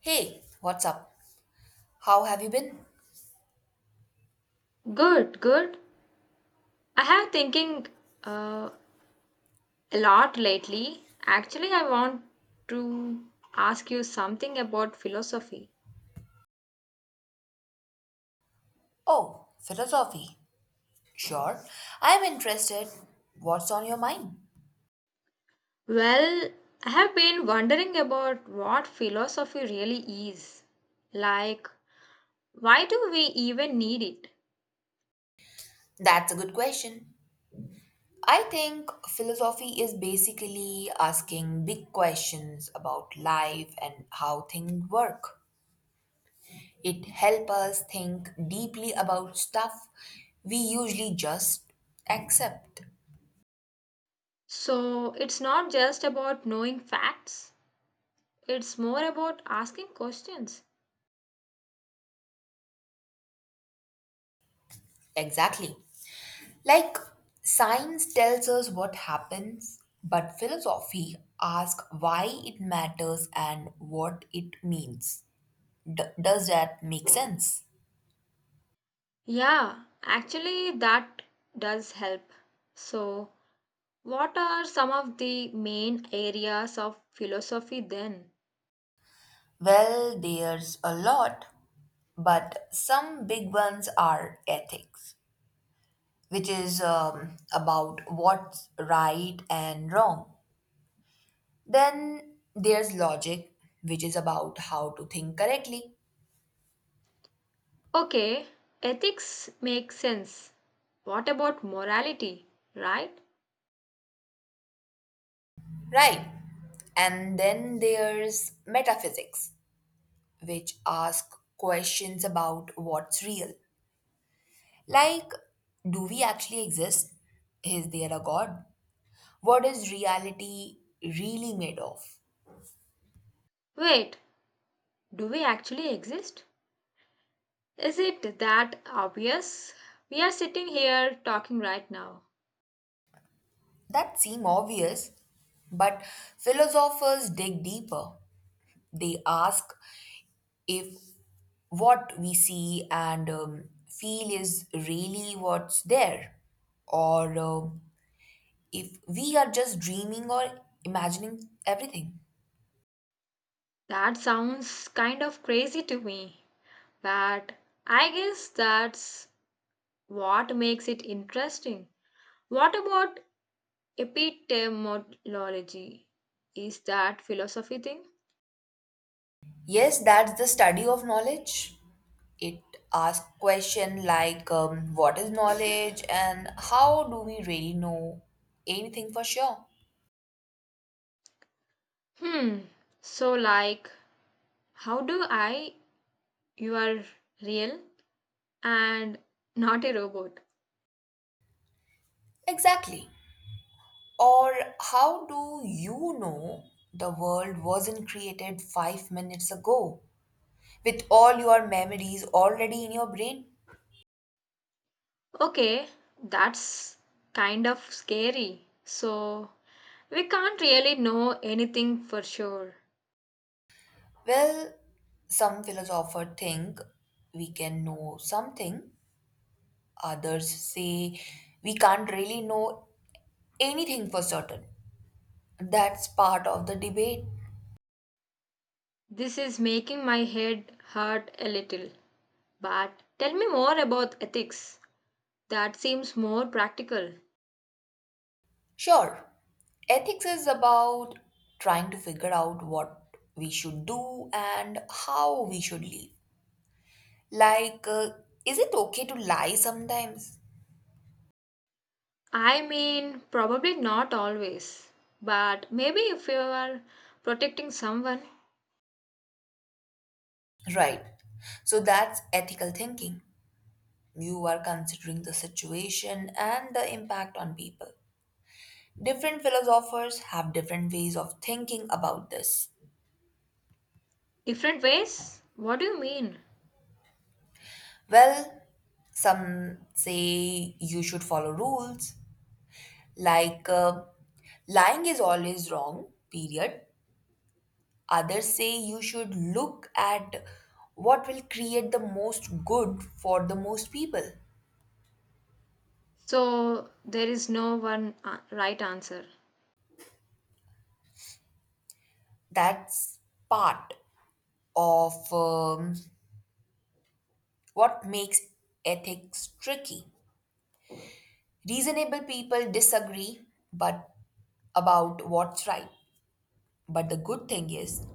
Hey, what's up? How have you been? Good, good. I have thinking uh, a lot lately. Actually, I want to ask you something about philosophy. Oh, philosophy. Sure. I'm interested. What's on your mind? Well, I have been wondering about what philosophy really is. Like, why do we even need it? That's a good question. I think philosophy is basically asking big questions about life and how things work. It helps us think deeply about stuff we usually just accept. So, it's not just about knowing facts, it's more about asking questions. Exactly. Like, science tells us what happens, but philosophy asks why it matters and what it means. Does that make sense? Yeah, actually, that does help. So, what are some of the main areas of philosophy then? Well, there's a lot, but some big ones are ethics, which is about what's right and wrong. Then there's logic, which is about how to think correctly, Okay, ethics makes sense. What about morality, right? right? And then there's metaphysics which ask questions about what's real. Like, do we actually exist? Is there a God? What is reality really made of? Wait, do we actually exist? Is it that obvious? We are sitting here talking right now. That seem obvious, but philosophers dig deeper. They ask if what we see and feel is really what's there, or if we are just dreaming or imagining everything. That sounds kind of crazy to me, but I guess that's what makes it interesting. What about epistemology? Is that philosophy thing? Yes, that's the study of knowledge. It asks question like what is knowledge and how do we really know anything for sure. Hmm. So, like, how do I? You are real and not a robot. Exactly. Or how do you know the world wasn't created 5 minutes ago with all your memories already in your brain? Okay, that's kind of scary. So, we can't really know anything for sure. Well, some philosophers think we can know something, others say we can't really know anything for certain. That's part of the debate. This is making my head hurt a little. But tell me more about ethics. That seems more practical. Sure, ethics is about trying to figure out what we should do and how we should live. Like, is it okay to lie sometimes? I mean, probably not always, but maybe if you are protecting someone. Right. So that's ethical thinking. You are considering the situation and the impact on people. Different philosophers have different ways of thinking about this. Different ways? What do you mean? Well, some say you should follow rules. Like, lying is always wrong, period. Others say you should look at what will create the most good for the most people. So, there is no one right answer. That's part of what makes ethics tricky. Reasonable people disagree but about what's right. But the good thing is,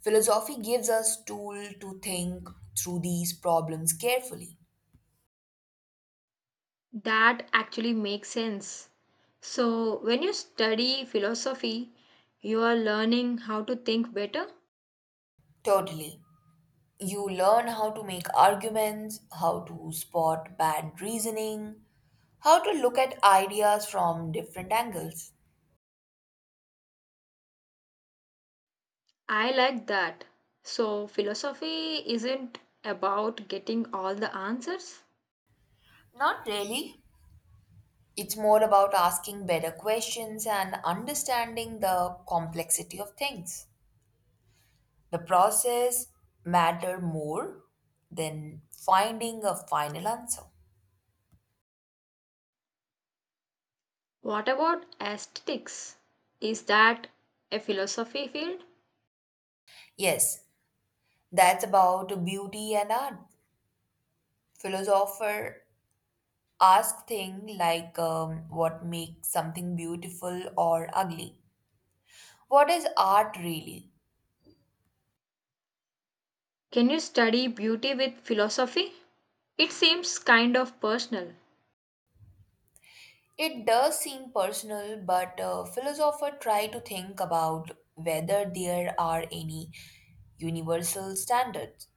philosophy gives us tool to think through these problems carefully. That actually makes sense. So, when you study philosophy, you are learning how to think better. Totally. You learn how to make arguments, how to spot bad reasoning, how to look at ideas from different angles. I like that. So, philosophy isn't about getting all the answers. Not really. It's more about asking better questions and understanding the complexity of things. The process matter more than finding a final answer. What about aesthetics? Is that a philosophy field? Yes, that's about beauty and art. Philosopher ask thing like what makes something beautiful or ugly, what is art really? Can you study beauty with philosophy? It seems kind of personal. It does seem personal, but philosophers try to think about whether there are any universal standards,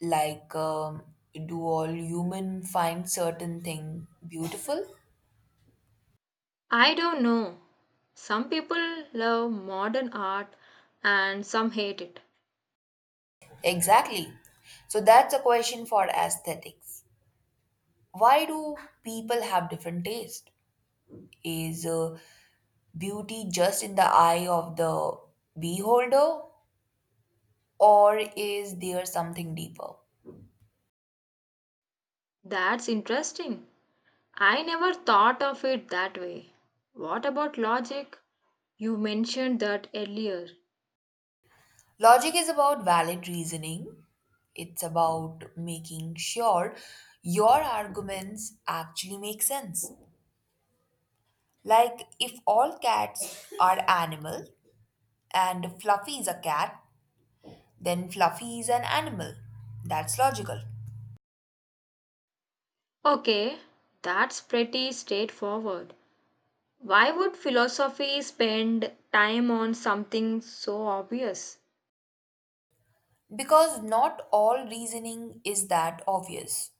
like do all human find certain thing beautiful? I don't know. Some people love modern art and some hate it. Exactly. So that's a question for aesthetics. Why do people have different taste? Is beauty just in the eye of the beholder, or is there something deeper? That's interesting. I never thought of it that way. What about logic? You mentioned that earlier. Logic is about valid reasoning, it's about making sure your arguments actually make sense. Like, if all cats are animal and Fluffy is a cat, then Fluffy is an animal. That's logical. Okay, that's pretty straightforward. Why would philosophy spend time on something so obvious? Because not all reasoning is that obvious.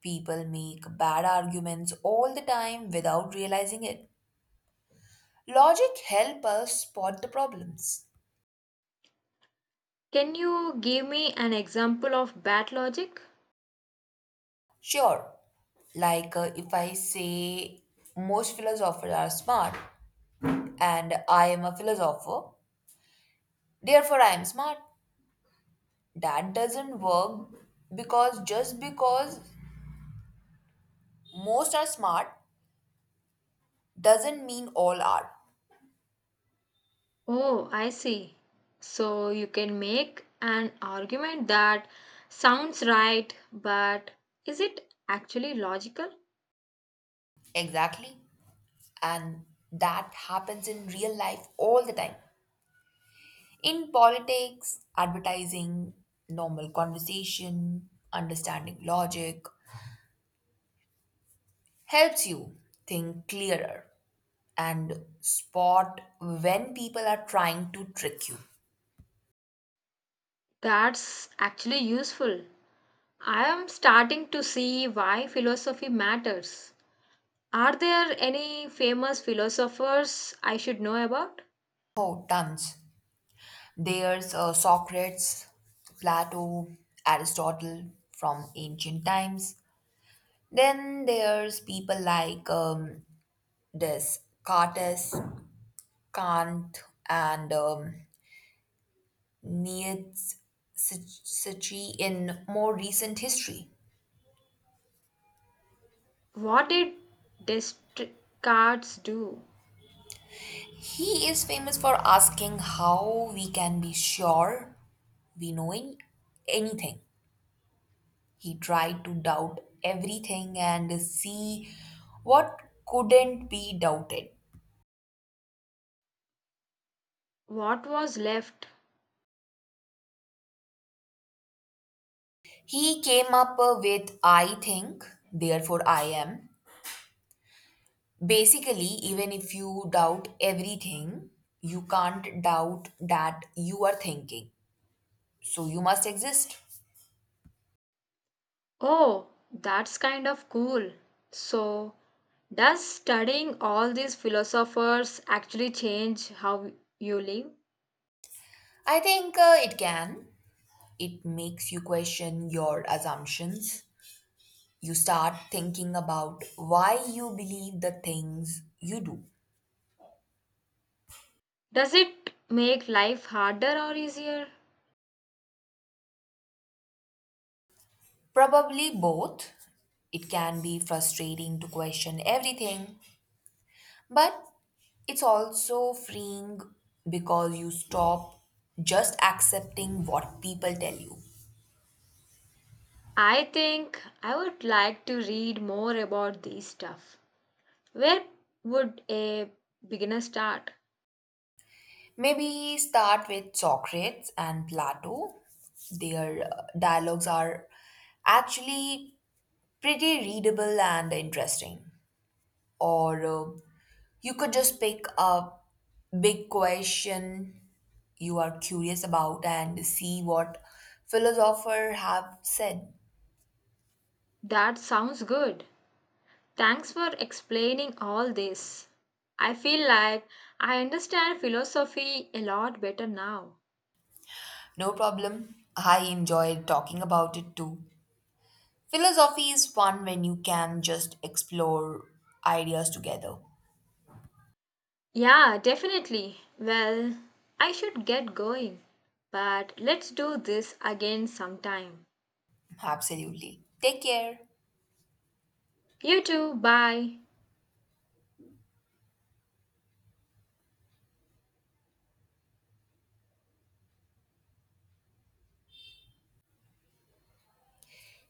People make bad arguments all the time without realizing it. Logic help us spot the problems. Can you give me an example of bad logic? Sure, like, if I say most philosophers are smart and I am a philosopher, therefore I am smart. That doesn't work because just because most are smart doesn't mean all are. Oh, I see. So you can make an argument that sounds right, but is it actually logical? Exactly. And that happens in real life all the time. In politics, advertising, normal conversation, understanding logic helps you think clearer and spot when people are trying to trick you. That's actually useful. I am starting to see why philosophy matters. Are there any famous philosophers I should know about? Oh, tons. There's Socrates, Plato, Aristotle from ancient times. Then there's people like Descartes, Kant, and Nietzsche in more recent history. What did Descartes do? He is famous for asking how we can be sure we know anything. He tried to doubt everything and see what couldn't be doubted. What was left? He came up with I think, therefore I am. Basically, even if you doubt everything, you can't doubt that you are thinking. So you must exist. Oh, that's kind of cool. So, does studying all these philosophers actually change how you live? I think it can. It makes you question your assumptions. You start thinking about why you believe the things you do. Does it make life harder or easier? Probably both. It can be frustrating to question everything, but it's also freeing because you stop just accepting what people tell you. I think I would like to read more about these stuff. Where would a beginner start? Maybe start with Socrates and Plato. Their dialogues are actually pretty readable and interesting. Or you could just pick a big question you are curious about and see what philosophers have said. That sounds good. Thanks for explaining all this. I feel like I understand philosophy a lot better now. No problem. I enjoy talking about it too. Philosophy is fun when you can just explore ideas together. Yeah, definitely. Well, I should get going, but let's do this again sometime. Absolutely. Take care. You too, bye.